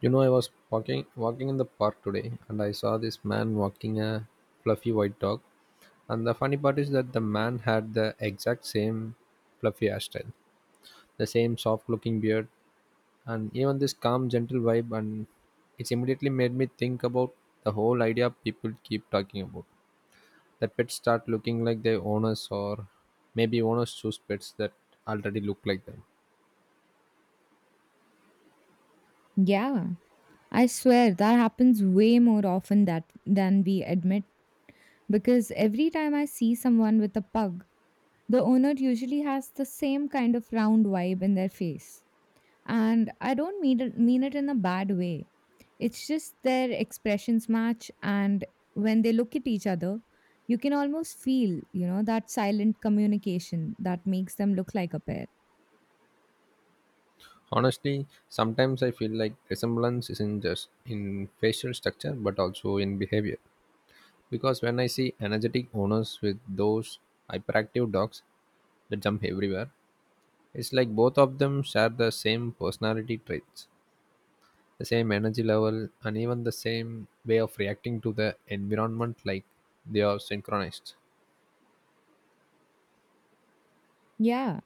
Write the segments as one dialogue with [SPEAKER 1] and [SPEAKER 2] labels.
[SPEAKER 1] You know, I was walking in the park today, and I saw this man walking a fluffy white dog. And the funny part is that the man had the exact same fluffy hairstyle, the same soft-looking beard, and even this calm, gentle vibe. And it's immediately made me think about the whole idea people keep talking about, that pets start looking like their owners, or maybe owners choose pets that already look like them.
[SPEAKER 2] Yeah, I swear that happens way more often that than we admit because every time I see someone with a pug, the owner usually has the same kind of round vibe in their face. And I don't mean it in a bad way. It's just their expressions match, and when they look at each other, you can almost feel, that silent communication that makes them look like a pair.
[SPEAKER 1] Honestly, sometimes I feel like resemblance isn't just in facial structure but also in behavior. Because when I see energetic owners with those hyperactive dogs that jump everywhere, it's like both of them share the same personality traits, the same energy level, and even the same way of reacting to the environment, like they are synchronized.
[SPEAKER 2] Yeah.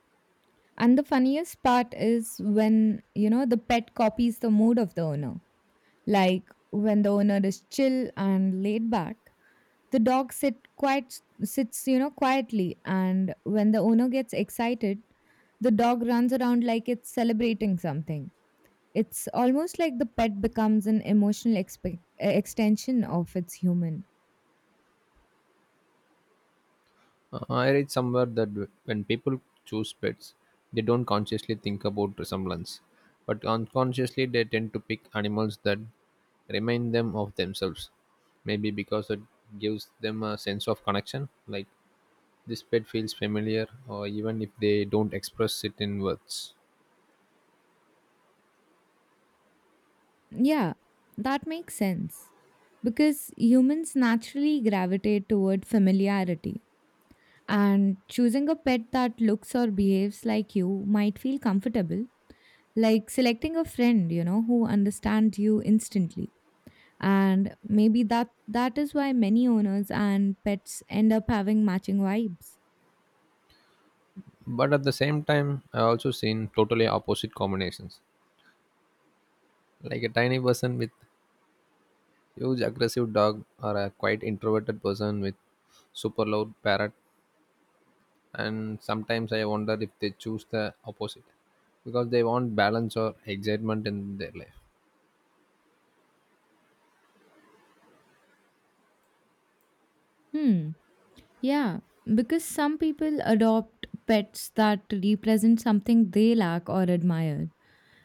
[SPEAKER 2] And the funniest part is when, the pet copies the mood of the owner. Like when the owner is chill and laid back, the dog sit quiet sits, quietly, and when the owner gets excited, the dog runs around like it's celebrating something. It's almost like the pet becomes an emotional extension of its human.
[SPEAKER 1] I read somewhere that when people choose pets, they don't consciously think about resemblance, but unconsciously they tend to pick animals that remind them of themselves. Maybe because it gives them a sense of connection, like this pet feels familiar, or even if they don't express it in words.
[SPEAKER 2] Yeah, that makes sense. Because humans naturally gravitate toward familiarity, and choosing a pet that looks or behaves like you might feel comfortable, like selecting a friend, who understands you instantly. And maybe that is why many owners and pets end up having matching vibes.
[SPEAKER 1] But at the same time, I also seen totally opposite combinations, like a tiny person with huge aggressive dog, or a quite introverted person with super loud parrot, and sometimes I wonder if they choose the opposite because they want balance or excitement in their life.
[SPEAKER 2] Hmm. Yeah, because some people adopt pets that represent something they lack or admire.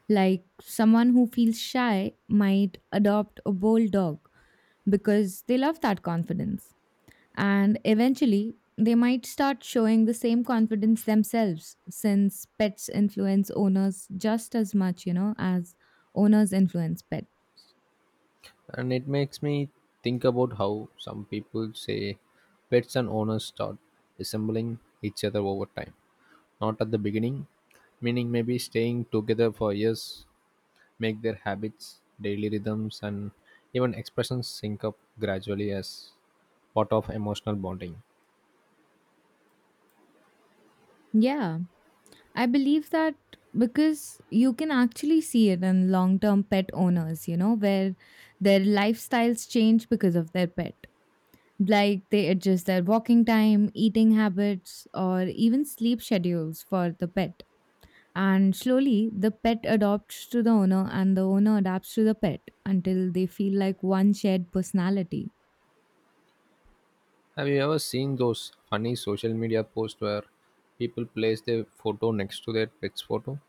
[SPEAKER 2] Like someone who feels shy might adopt a bold dog because they love that confidence. And eventually, they might start showing the same confidence themselves, since pets influence owners just as much, as owners influence pets.
[SPEAKER 1] And it makes me think about how some people say pets and owners start resembling each other over time, not at the beginning, meaning maybe staying together for years make their habits, daily rhythms, and even expressions sync up gradually as part of emotional bonding.
[SPEAKER 2] Yeah, I believe that because you can actually see it in long term pet owners, where their lifestyles change because of their pet. Like they adjust their walking time, eating habits, or even sleep schedules for the pet. And slowly, the pet adopts to the owner, and the owner adapts to the pet until they feel like one shared personality.
[SPEAKER 1] Have you ever seen those funny social media posts where people place their photo next to their pet's photo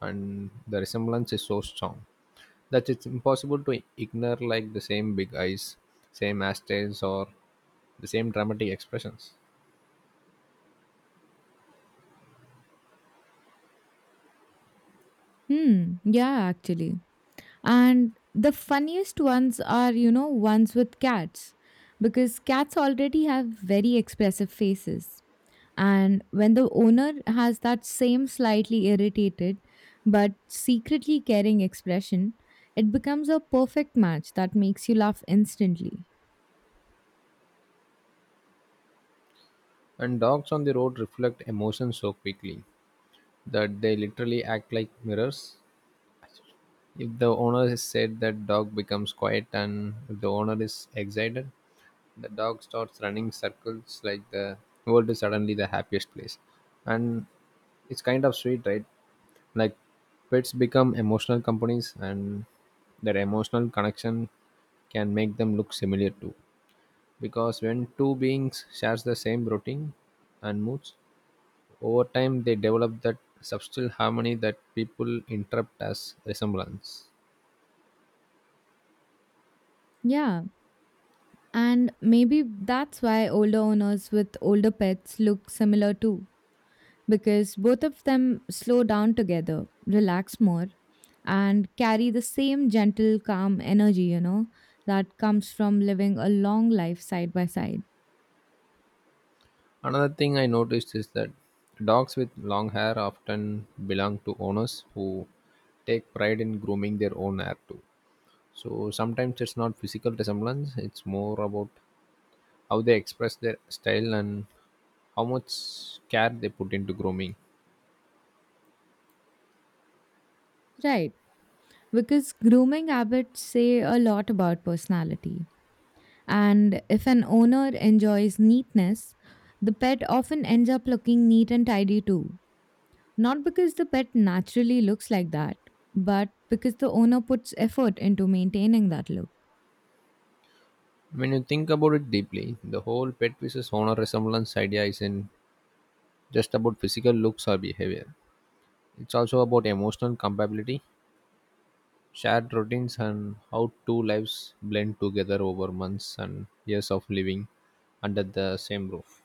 [SPEAKER 1] and the resemblance is so strong that it's impossible to ignore, like the same big eyes, same mustache, or the same dramatic expressions?
[SPEAKER 2] Hmm, yeah, actually. And the funniest ones are, ones with cats, because cats already have very expressive faces. And when the owner has that same slightly irritated but secretly caring expression, it becomes a perfect match that makes you laugh instantly.
[SPEAKER 1] And dogs on the road reflect emotions so quickly that they literally act like mirrors. If the owner is sad, that dog becomes quiet, and if the owner is excited, the dog starts running circles like the world is suddenly the happiest place. And it's kind of sweet, right? Like, pets become emotional companies, and that emotional connection can make them look similar too, because when two beings shares the same routine and moods over time, they develop that subtle harmony that people interpret as resemblance.
[SPEAKER 2] Yeah, and maybe that's why older owners with older pets look similar too, because both of them slow down together, relax more, and carry the same gentle, calm energy, that comes from living a long life side by side.
[SPEAKER 1] Another thing I noticed is that dogs with long hair often belong to owners who take pride in grooming their own hair too. So sometimes it's not physical resemblance, it's more about how they express their style and how much care they put into grooming.
[SPEAKER 2] Right. Because grooming habits say a lot about personality. And if an owner enjoys neatness, the pet often ends up looking neat and tidy too. Not because the pet naturally looks like that, but because the owner puts effort into maintaining that look.
[SPEAKER 1] When you think about it deeply, the whole pet versus owner resemblance idea isn't just about physical looks or behavior. It's also about emotional compatibility, shared routines, and how two lives blend together over months and years of living under the same roof.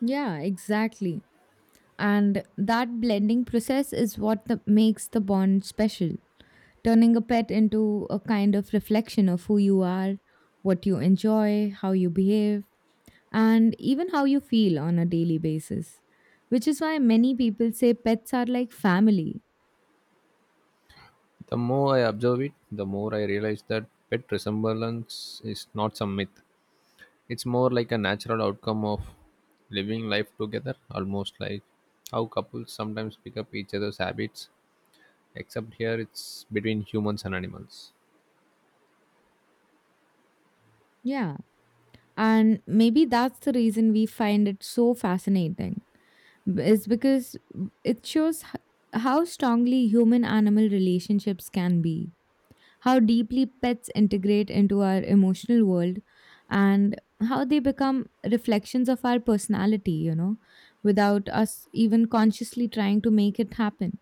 [SPEAKER 2] Yeah, exactly. And that blending process is what makes the bond special, turning a pet into a kind of reflection of who you are, what you enjoy, how you behave, and even how you feel on a daily basis, which is why many people say pets are like family.
[SPEAKER 1] The more I observe it, the more I realize that pet resemblance is not some myth. It's more like a natural outcome of living life together, almost like how couples sometimes pick up each other's habits, except here it's between humans and animals.
[SPEAKER 2] Yeah. And maybe that's the reason we find it so fascinating, is because it shows how strongly human animal relationships can be, how deeply pets integrate into our emotional world, and how they become reflections of our personality, without us even consciously trying to make it happen.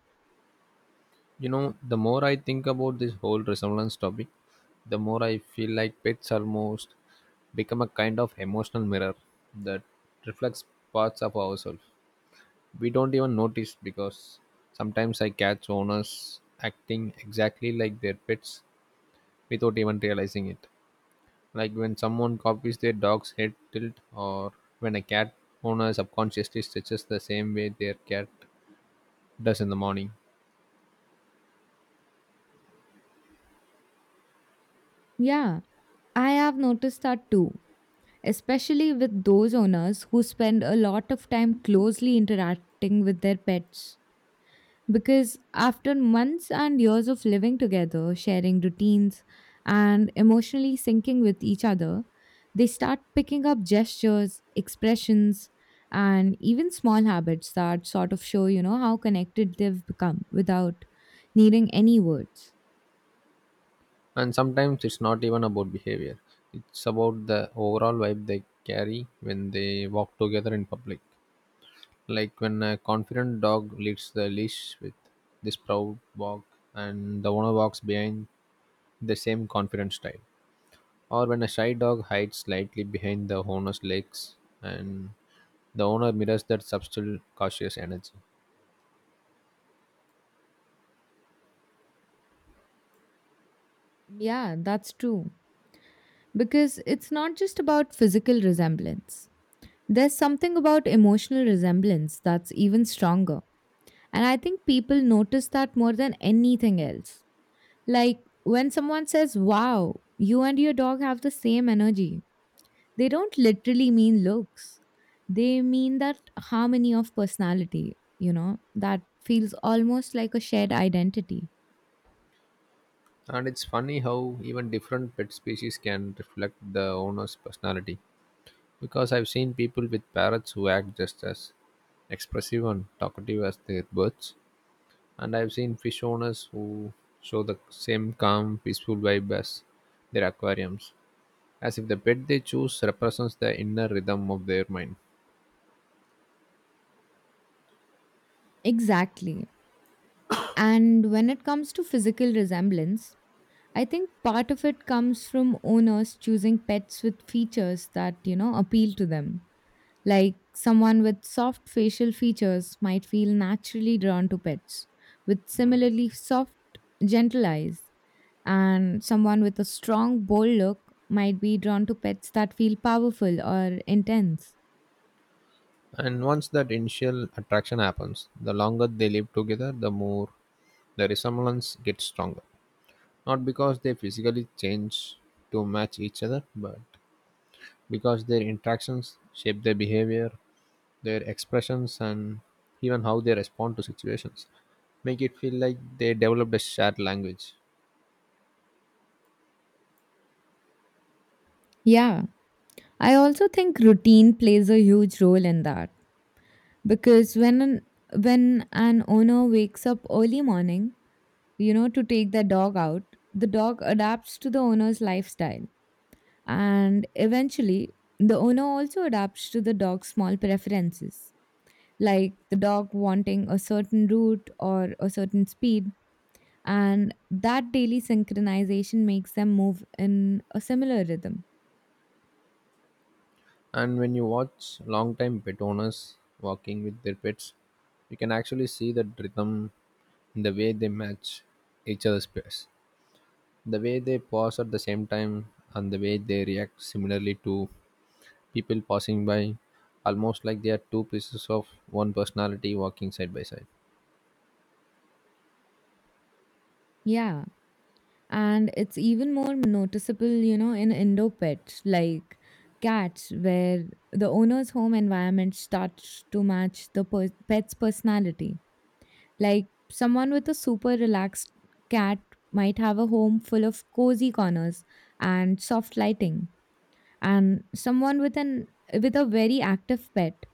[SPEAKER 1] You know, the more I think about this whole resemblance topic, the more I feel like pets almost become a kind of emotional mirror that reflects parts of ourselves. We don't even notice because sometimes I catch owners acting exactly like their pets without even realizing it. Like when someone copies their dog's head tilt, or when a cat owner subconsciously stretches the same way their cat does in the morning.
[SPEAKER 2] Yeah, I have noticed that too, especially with those owners who spend a lot of time closely interacting with their pets. Because after months and years of living together, sharing routines, and emotionally syncing with each other, they start picking up gestures, expressions, and even small habits that sort of show, how connected they've become without needing any words.
[SPEAKER 1] And sometimes it's not even about behavior, it's about the overall vibe they carry when they walk together in public. Like when a confident dog leads the leash with this proud walk, and the owner walks behind the same confident style. Or when a shy dog hides slightly behind the owner's legs, and the owner mirrors that subtle, cautious energy.
[SPEAKER 2] Yeah, that's true. Because it's not just about physical resemblance. There's something about emotional resemblance that's even stronger. And I think people notice that more than anything else. Like when someone says, "Wow, you and your dog have the same energy," they don't literally mean looks. They mean that harmony of personality, that feels almost like a shared identity.
[SPEAKER 1] And it's funny how even different pet species can reflect the owner's personality. Because I've seen people with parrots who act just as expressive and talkative as their birds, and I've seen fish owners who show the same calm, peaceful vibe as their aquariums, as if the pet they choose represents the inner rhythm of their mind.
[SPEAKER 2] Exactly. And when it comes to physical resemblance, I think part of it comes from owners choosing pets with features that, appeal to them. Like someone with soft facial features might feel naturally drawn to pets with similarly soft, gentle eyes. And someone with a strong, bold look might be drawn to pets that feel powerful or intense.
[SPEAKER 1] And once that initial attraction happens, the longer they live together, the more the resemblance gets stronger. Not because they physically change to match each other, but because their interactions shape their behavior, their expressions, and even how they respond to situations make it feel like they developed a shared language.
[SPEAKER 2] Yeah. I also think routine plays a huge role in that because when an owner wakes up early morning, to take their dog out, the dog adapts to the owner's lifestyle. And eventually, the owner also adapts to the dog's small preferences, like the dog wanting a certain route or a certain speed. And that daily synchronization makes them move in a similar rhythm.
[SPEAKER 1] And when you watch long time pet owners walking with their pets, you can actually see the rhythm in the way they match each other's pace. The way they pause at the same time and the way they react similarly to people passing by, almost like they are two pieces of one personality walking side by side.
[SPEAKER 2] Yeah. And it's even more noticeable, in indoor pets like cats, where the owner's home environment starts to match the pet's personality. Like someone with a super relaxed cat might have a home full of cozy corners and soft lighting, and someone with a very active pet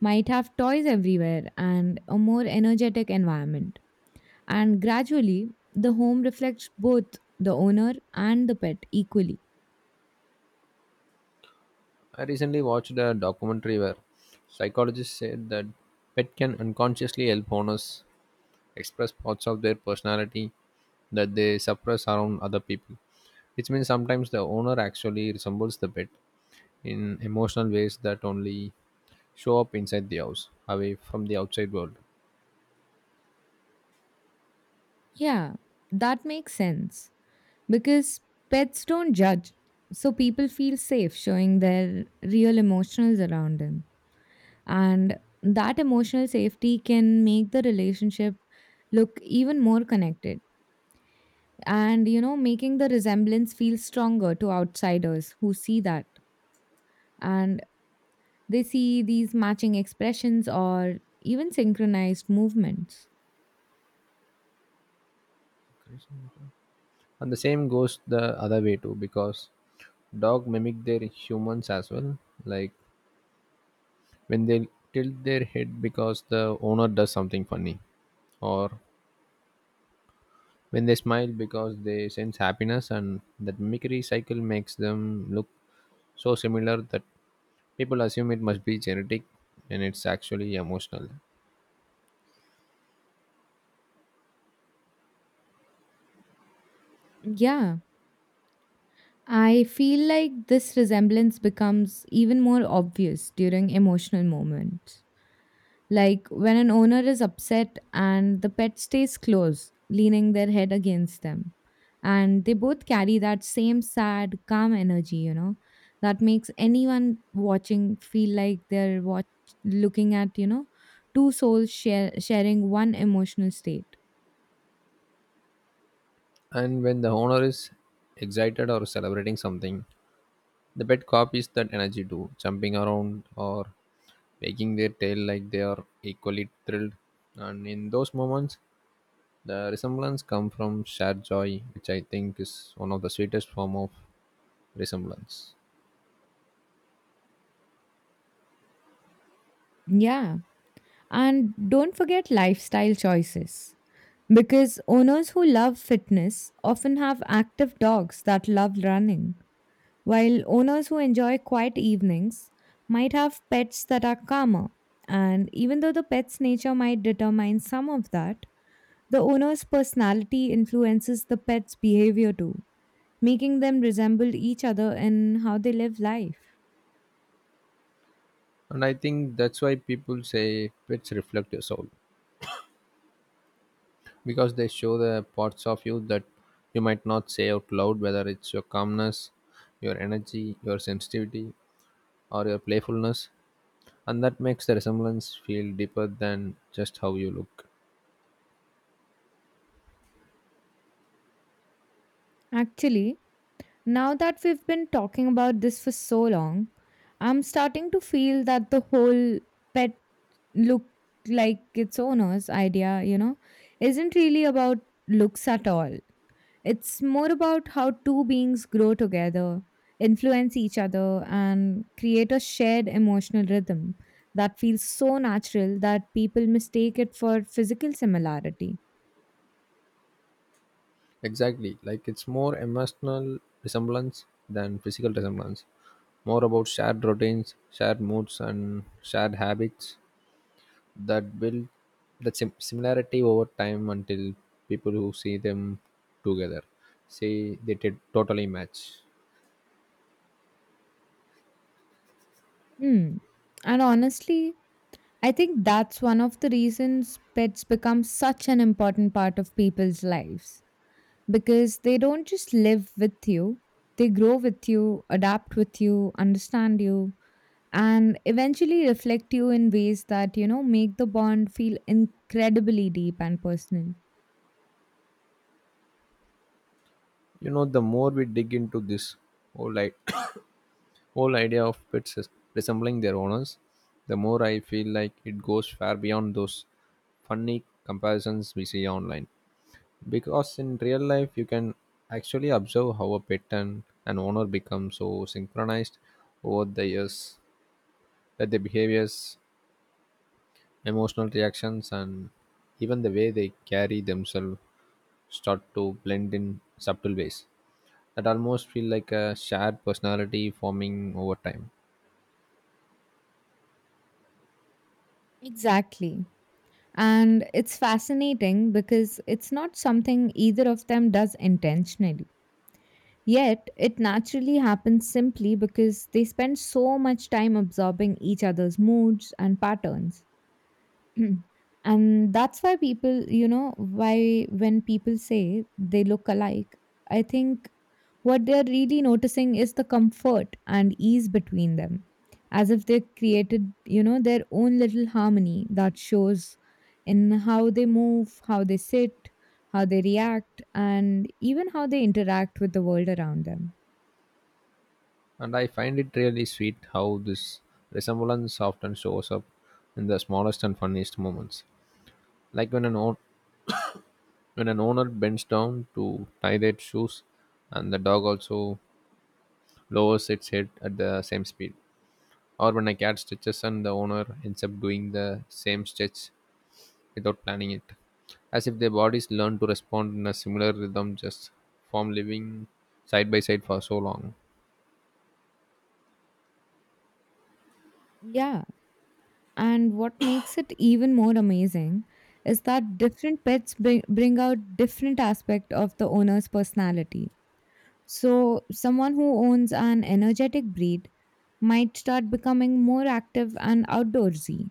[SPEAKER 2] might have toys everywhere and a more energetic environment. And gradually, the home reflects both the owner and the pet equally.
[SPEAKER 1] I recently watched a documentary where psychologists said that pet can unconsciously help owners express parts of their personality that they suppress around other people, which means sometimes the owner actually resembles the pet in emotional ways that only show up inside the house, away from the outside world.
[SPEAKER 2] Yeah, that makes sense because pets don't judge, so people feel safe showing their real emotions around them. And that emotional safety can make the relationship look even more connected and, making the resemblance feel stronger to outsiders who see that. And they see these matching expressions or even synchronized movements.
[SPEAKER 1] And the same goes the other way too, because dog mimic their humans as well, like when they tilt their head because the owner does something funny, or when they smile because they sense happiness. And that mimicry cycle makes them look so similar that people assume it must be genetic, and it's actually emotional.
[SPEAKER 2] Yeah. I feel like this resemblance becomes even more obvious during emotional moments. Like when an owner is upset and the pet stays close, leaning their head against them. And they both carry that same sad, calm energy, that makes anyone watching feel like they're looking at, two souls sharing one emotional state.
[SPEAKER 1] And when the owner is excited or celebrating something, the pet copies that energy too, jumping around or wagging their tail like they are equally thrilled. And in those moments, the resemblance comes from shared joy, which I think is one of the sweetest form of resemblance.
[SPEAKER 2] Yeah. And don't forget lifestyle choices. Because owners who love fitness often have active dogs that love running, while owners who enjoy quiet evenings might have pets that are calmer. And even though the pet's nature might determine some of that, the owner's personality influences the pet's behavior too, making them resemble each other in how they live life.
[SPEAKER 1] And I think that's why people say pets reflect your soul, because they show the parts of you that you might not say out loud, whether it's your calmness, your energy, your sensitivity, or your playfulness. And that makes the resemblance feel deeper than just how you look.
[SPEAKER 2] Actually, now that we've been talking about this for so long, I'm starting to feel that the whole pet look like its owner's idea, isn't really about looks at all. It's more about how two beings grow together, influence each other, and create a shared emotional rhythm that feels so natural that people mistake it for physical similarity.
[SPEAKER 1] Exactly, like it's more emotional resemblance than physical resemblance, more about shared routines, shared moods, and shared habits that build that similarity over time, until people who see them together say they totally match.
[SPEAKER 2] Hmm. And honestly, I think that's one of the reasons pets become such an important part of people's lives, because they don't just live with you, they grow with you, adapt with you, understand you, and eventually reflect you in ways that, make the bond feel incredibly deep and personal.
[SPEAKER 1] You know, the more we dig into this whole, I- whole idea of pets as resembling their owners, the more I feel like it goes far beyond those funny comparisons we see online, because in real life you can actually observe how a pet and an owner become so synchronized over the years that their behaviors, emotional reactions, and even the way they carry themselves start to blend in subtle ways that almost feel like a shared personality forming over time.
[SPEAKER 2] Exactly. And it's fascinating because it's not something either of them does intentionally. Yet, it naturally happens simply because they spend so much time absorbing each other's moods and patterns. Mm. And that's why people you know why when people say they look alike, I think what they're really noticing is the comfort and ease between them, as if they created, their own little harmony that shows in how they move, how they sit, how they react, and even how they interact with the world around them.
[SPEAKER 1] And I find it really sweet how this resemblance often shows up in the smallest and funniest moments. Like when an owner bends down to tie their shoes and the dog also lowers its head at the same speed. Or when a cat stretches and the owner ends up doing the same stretch without planning it, as if their bodies learn to respond in a similar rhythm just from living side by side for so long.
[SPEAKER 2] Yeah. And what makes it even more amazing is that different pets bring out different aspect of the owner's personality. So, someone who owns an energetic breed might start becoming more active and outdoorsy,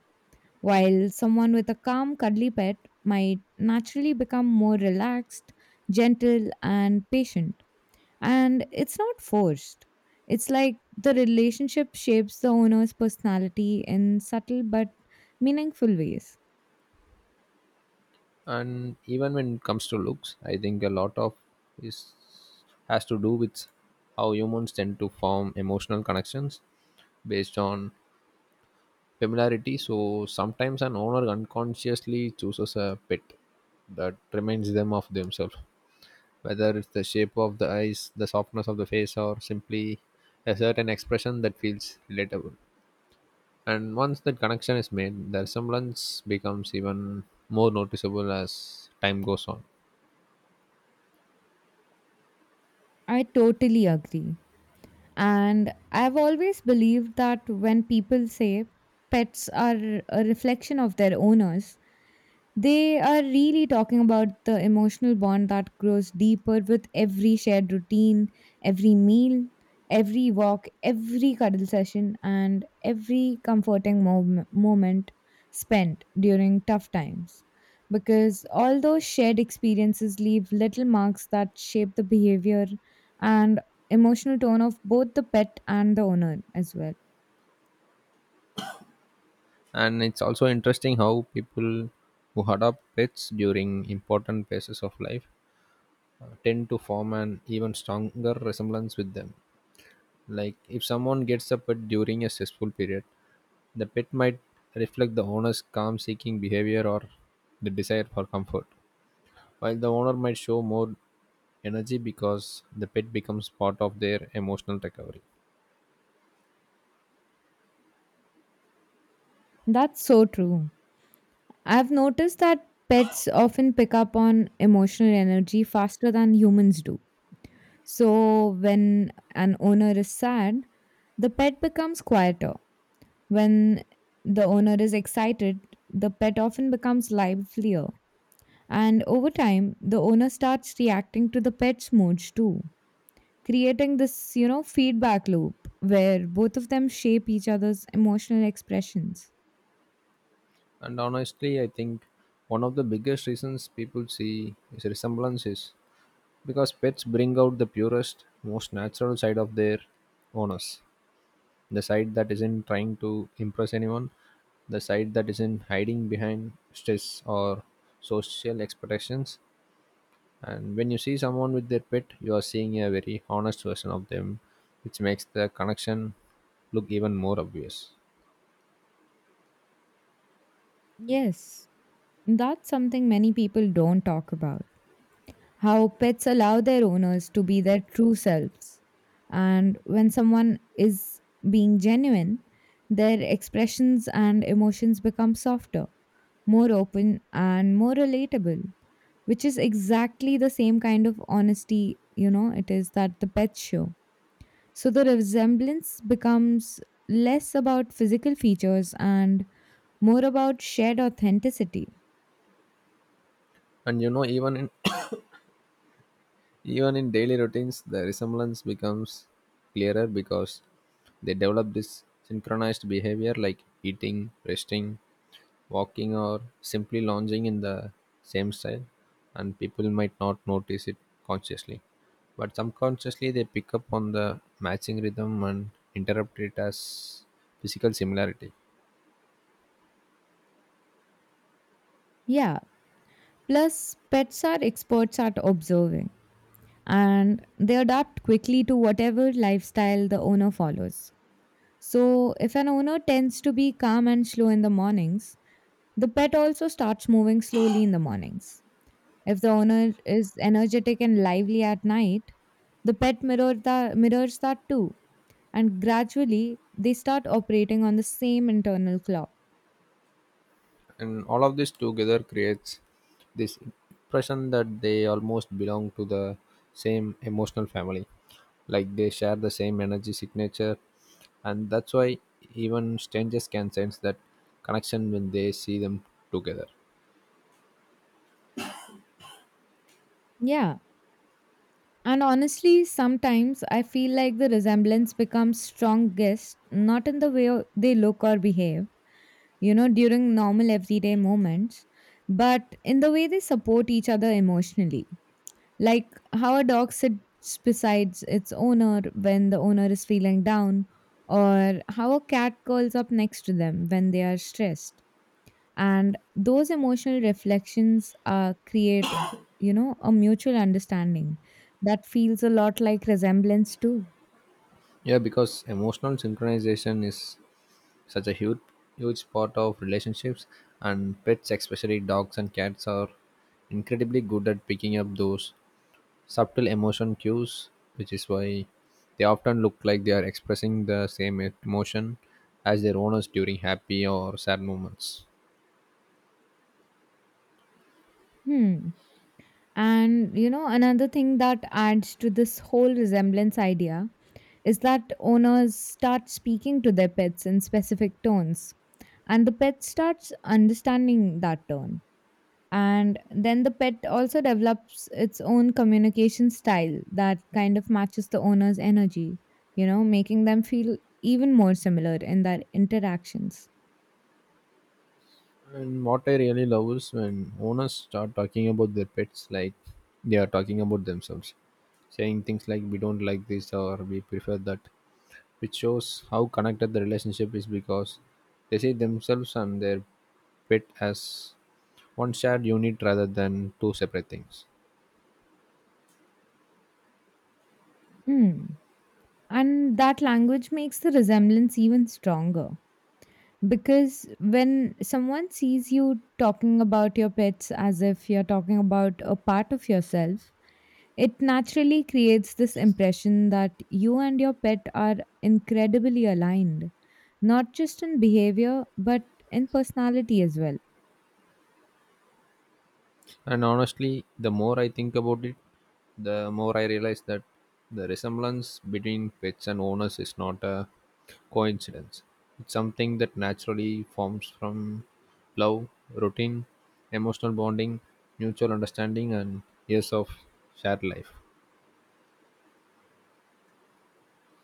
[SPEAKER 2] while someone with a calm, cuddly pet might naturally become more relaxed, gentle, and patient, and it's not forced. It's like the relationship shapes the owner's personality in subtle but meaningful ways.
[SPEAKER 1] And even when it comes to looks, I think a lot of is has to do with how humans tend to form emotional connections based on familiarity. So sometimes an owner unconsciously chooses a pet that reminds them of themselves, whether it's the shape of the eyes, the softness of the face, or simply a certain expression that feels relatable. And once that connection is made, the resemblance becomes even more noticeable as time goes on.
[SPEAKER 2] I totally agree. And I've always believed that when people say pets are a reflection of their owners, they are really talking about the emotional bond that grows deeper with every shared routine, every meal, every walk, every cuddle session, and every comforting moment spent during tough times. Because all those shared experiences leave little marks that shape the behavior and emotional tone of both the pet and the owner as well.
[SPEAKER 1] And it's also interesting how people who adopt pets during important phases of life tend to form an even stronger resemblance with them. Like if someone gets a pet during a stressful period, the pet might reflect the owner's calm seeking behavior or the desire for comfort, while the owner might show more energy because the pet becomes part of their emotional recovery.
[SPEAKER 2] That's so true. I've noticed that pets often pick up on emotional energy faster than humans do. So, when an owner is sad, the pet becomes quieter. When the owner is excited, the pet often becomes livelier. And over time, the owner starts reacting to the pet's moods too, creating this, feedback loop where both of them shape each other's emotional expressions.
[SPEAKER 1] And honestly, I think one of the biggest reasons people see is resemblance is because pets bring out the purest, most natural side of their owners. The side that isn't trying to impress anyone, the side that isn't hiding behind stress or social expectations. And when you see someone with their pet, you are seeing a very honest version of them, which makes the connection look even more obvious.
[SPEAKER 2] Yes, that's something many people don't talk about. How pets allow their owners to be their true selves. And when someone is being genuine, their expressions and emotions become softer, more open, and more relatable, which is exactly the same kind of honesty, it is that the pets show. So the resemblance becomes less about physical features and more about shared authenticity.
[SPEAKER 1] And you know, even in even in daily routines, the resemblance becomes clearer because they develop this synchronized behavior, like eating, resting, walking, or simply lounging in the same style. And people might not notice it consciously, but subconsciously they pick up on the matching rhythm and interpret it as physical similarity.
[SPEAKER 2] Yeah, plus pets are experts at observing, and they adapt quickly to whatever lifestyle the owner follows. So, if an owner tends to be calm and slow in the mornings, the pet also starts moving slowly in the mornings. If the owner is energetic and lively at night, the pet mirrors that too, and gradually they start operating on the same internal clock.
[SPEAKER 1] And all of this together creates this impression that they almost belong to the same emotional family, like they share the same energy signature, and that's why even strangers can sense that connection when they see them together.
[SPEAKER 2] Yeah, and honestly, sometimes I feel like the resemblance becomes strongest not in the way they look or behave, during normal everyday moments, but in the way they support each other emotionally. Like how a dog sits beside its owner when the owner is feeling down, or how a cat curls up next to them when they are stressed. And those emotional reflections create, a mutual understanding that feels a lot like resemblance too.
[SPEAKER 1] Yeah, because emotional synchronization is such a huge part of relationships, and pets, especially dogs and cats, are incredibly good at picking up those subtle emotion cues, which is why they often look like they are expressing the same emotion as their owners during happy or sad moments.
[SPEAKER 2] Hmm. And you know, another thing that adds to this whole resemblance idea is that owners start speaking to their pets in specific tones, and the pet starts understanding that tone. And then the pet also develops its own communication style that kind of matches the owner's energy, making them feel even more similar in their interactions.
[SPEAKER 1] And what I really love is when owners start talking about their pets like they are talking about themselves, saying things like, "We don't like this," or "we prefer that," which shows how connected the relationship is, because they see themselves and their pet as one shared unit rather than two separate things.
[SPEAKER 2] Hmm. And that language makes the resemblance even stronger. Because when someone sees you talking about your pets as if you're talking about a part of yourself, it naturally creates this impression that you and your pet are incredibly aligned, not just in behavior, but in personality as well.
[SPEAKER 1] And honestly, the more I think about it, the more I realize that the resemblance between pets and owners is not a coincidence. It's something that naturally forms from love, routine, emotional bonding, mutual understanding, and years of shared life.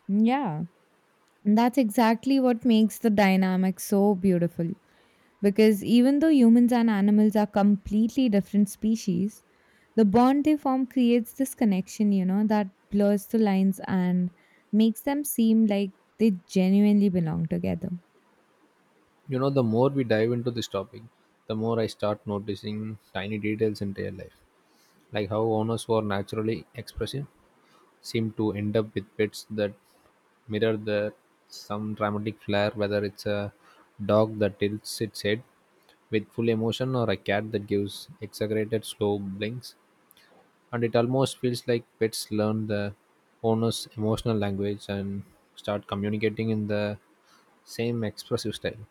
[SPEAKER 2] Yeah, and that's exactly what makes the dynamic so beautiful. Because even though humans and animals are completely different species, the bond they form creates this connection, that blurs the lines and makes them seem like they genuinely belong together.
[SPEAKER 1] You know, the more we dive into this topic, the more I start noticing tiny details in their life, like how owners who are naturally expressive seem to end up with pets that mirror their some dramatic flair, whether it's a dog that tilts its head with full emotion or a cat that gives exaggerated slow blinks. And it almost feels like pets learn the owner's emotional language and start communicating in the same expressive style.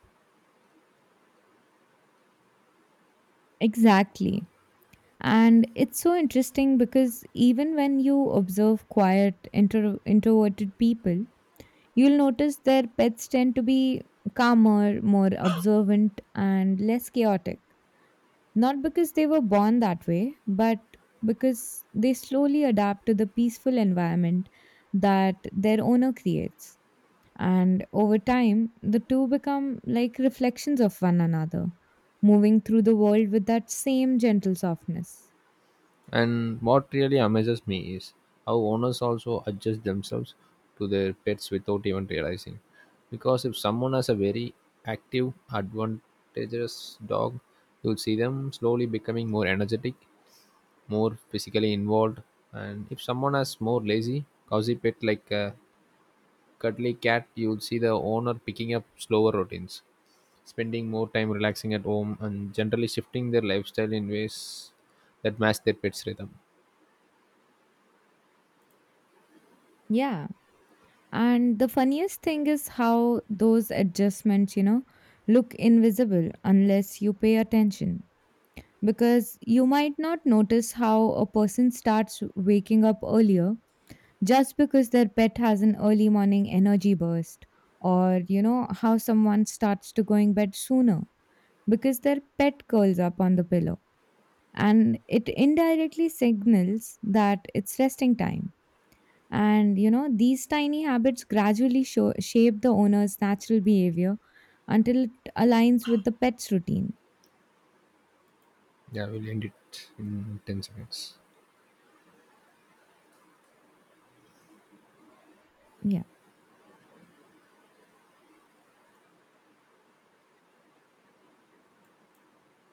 [SPEAKER 2] Exactly. And it's so interesting because even when you observe quiet, introverted people, you'll notice their pets tend to be calmer, more observant, and less chaotic. Not because they were born that way, but because they slowly adapt to the peaceful environment that their owner creates. And over time, the two become like reflections of one another, moving through the world with that same gentle softness.
[SPEAKER 1] And what really amazes me is how owners also adjust themselves to their pets without even realizing. Because if someone has a very active, advantageous dog, you'll see them slowly becoming more energetic, more physically involved. And if someone has more lazy, cozy pet like a cuddly cat, you'll see the owner picking up slower routines, spending more time relaxing at home, and generally shifting their lifestyle in ways that match their pet's rhythm.
[SPEAKER 2] Yeah. And the funniest thing is how those adjustments, look invisible unless you pay attention. Because you might not notice how a person starts waking up earlier just because their pet has an early morning energy burst, or, how someone starts to going bed sooner because their pet curls up on the pillow. And it indirectly signals that it's resting time, and you know, these tiny habits gradually shape the owner's natural behavior until it aligns with the pet's routine.
[SPEAKER 1] Yeah, we'll end it in 10 seconds.
[SPEAKER 2] Yeah.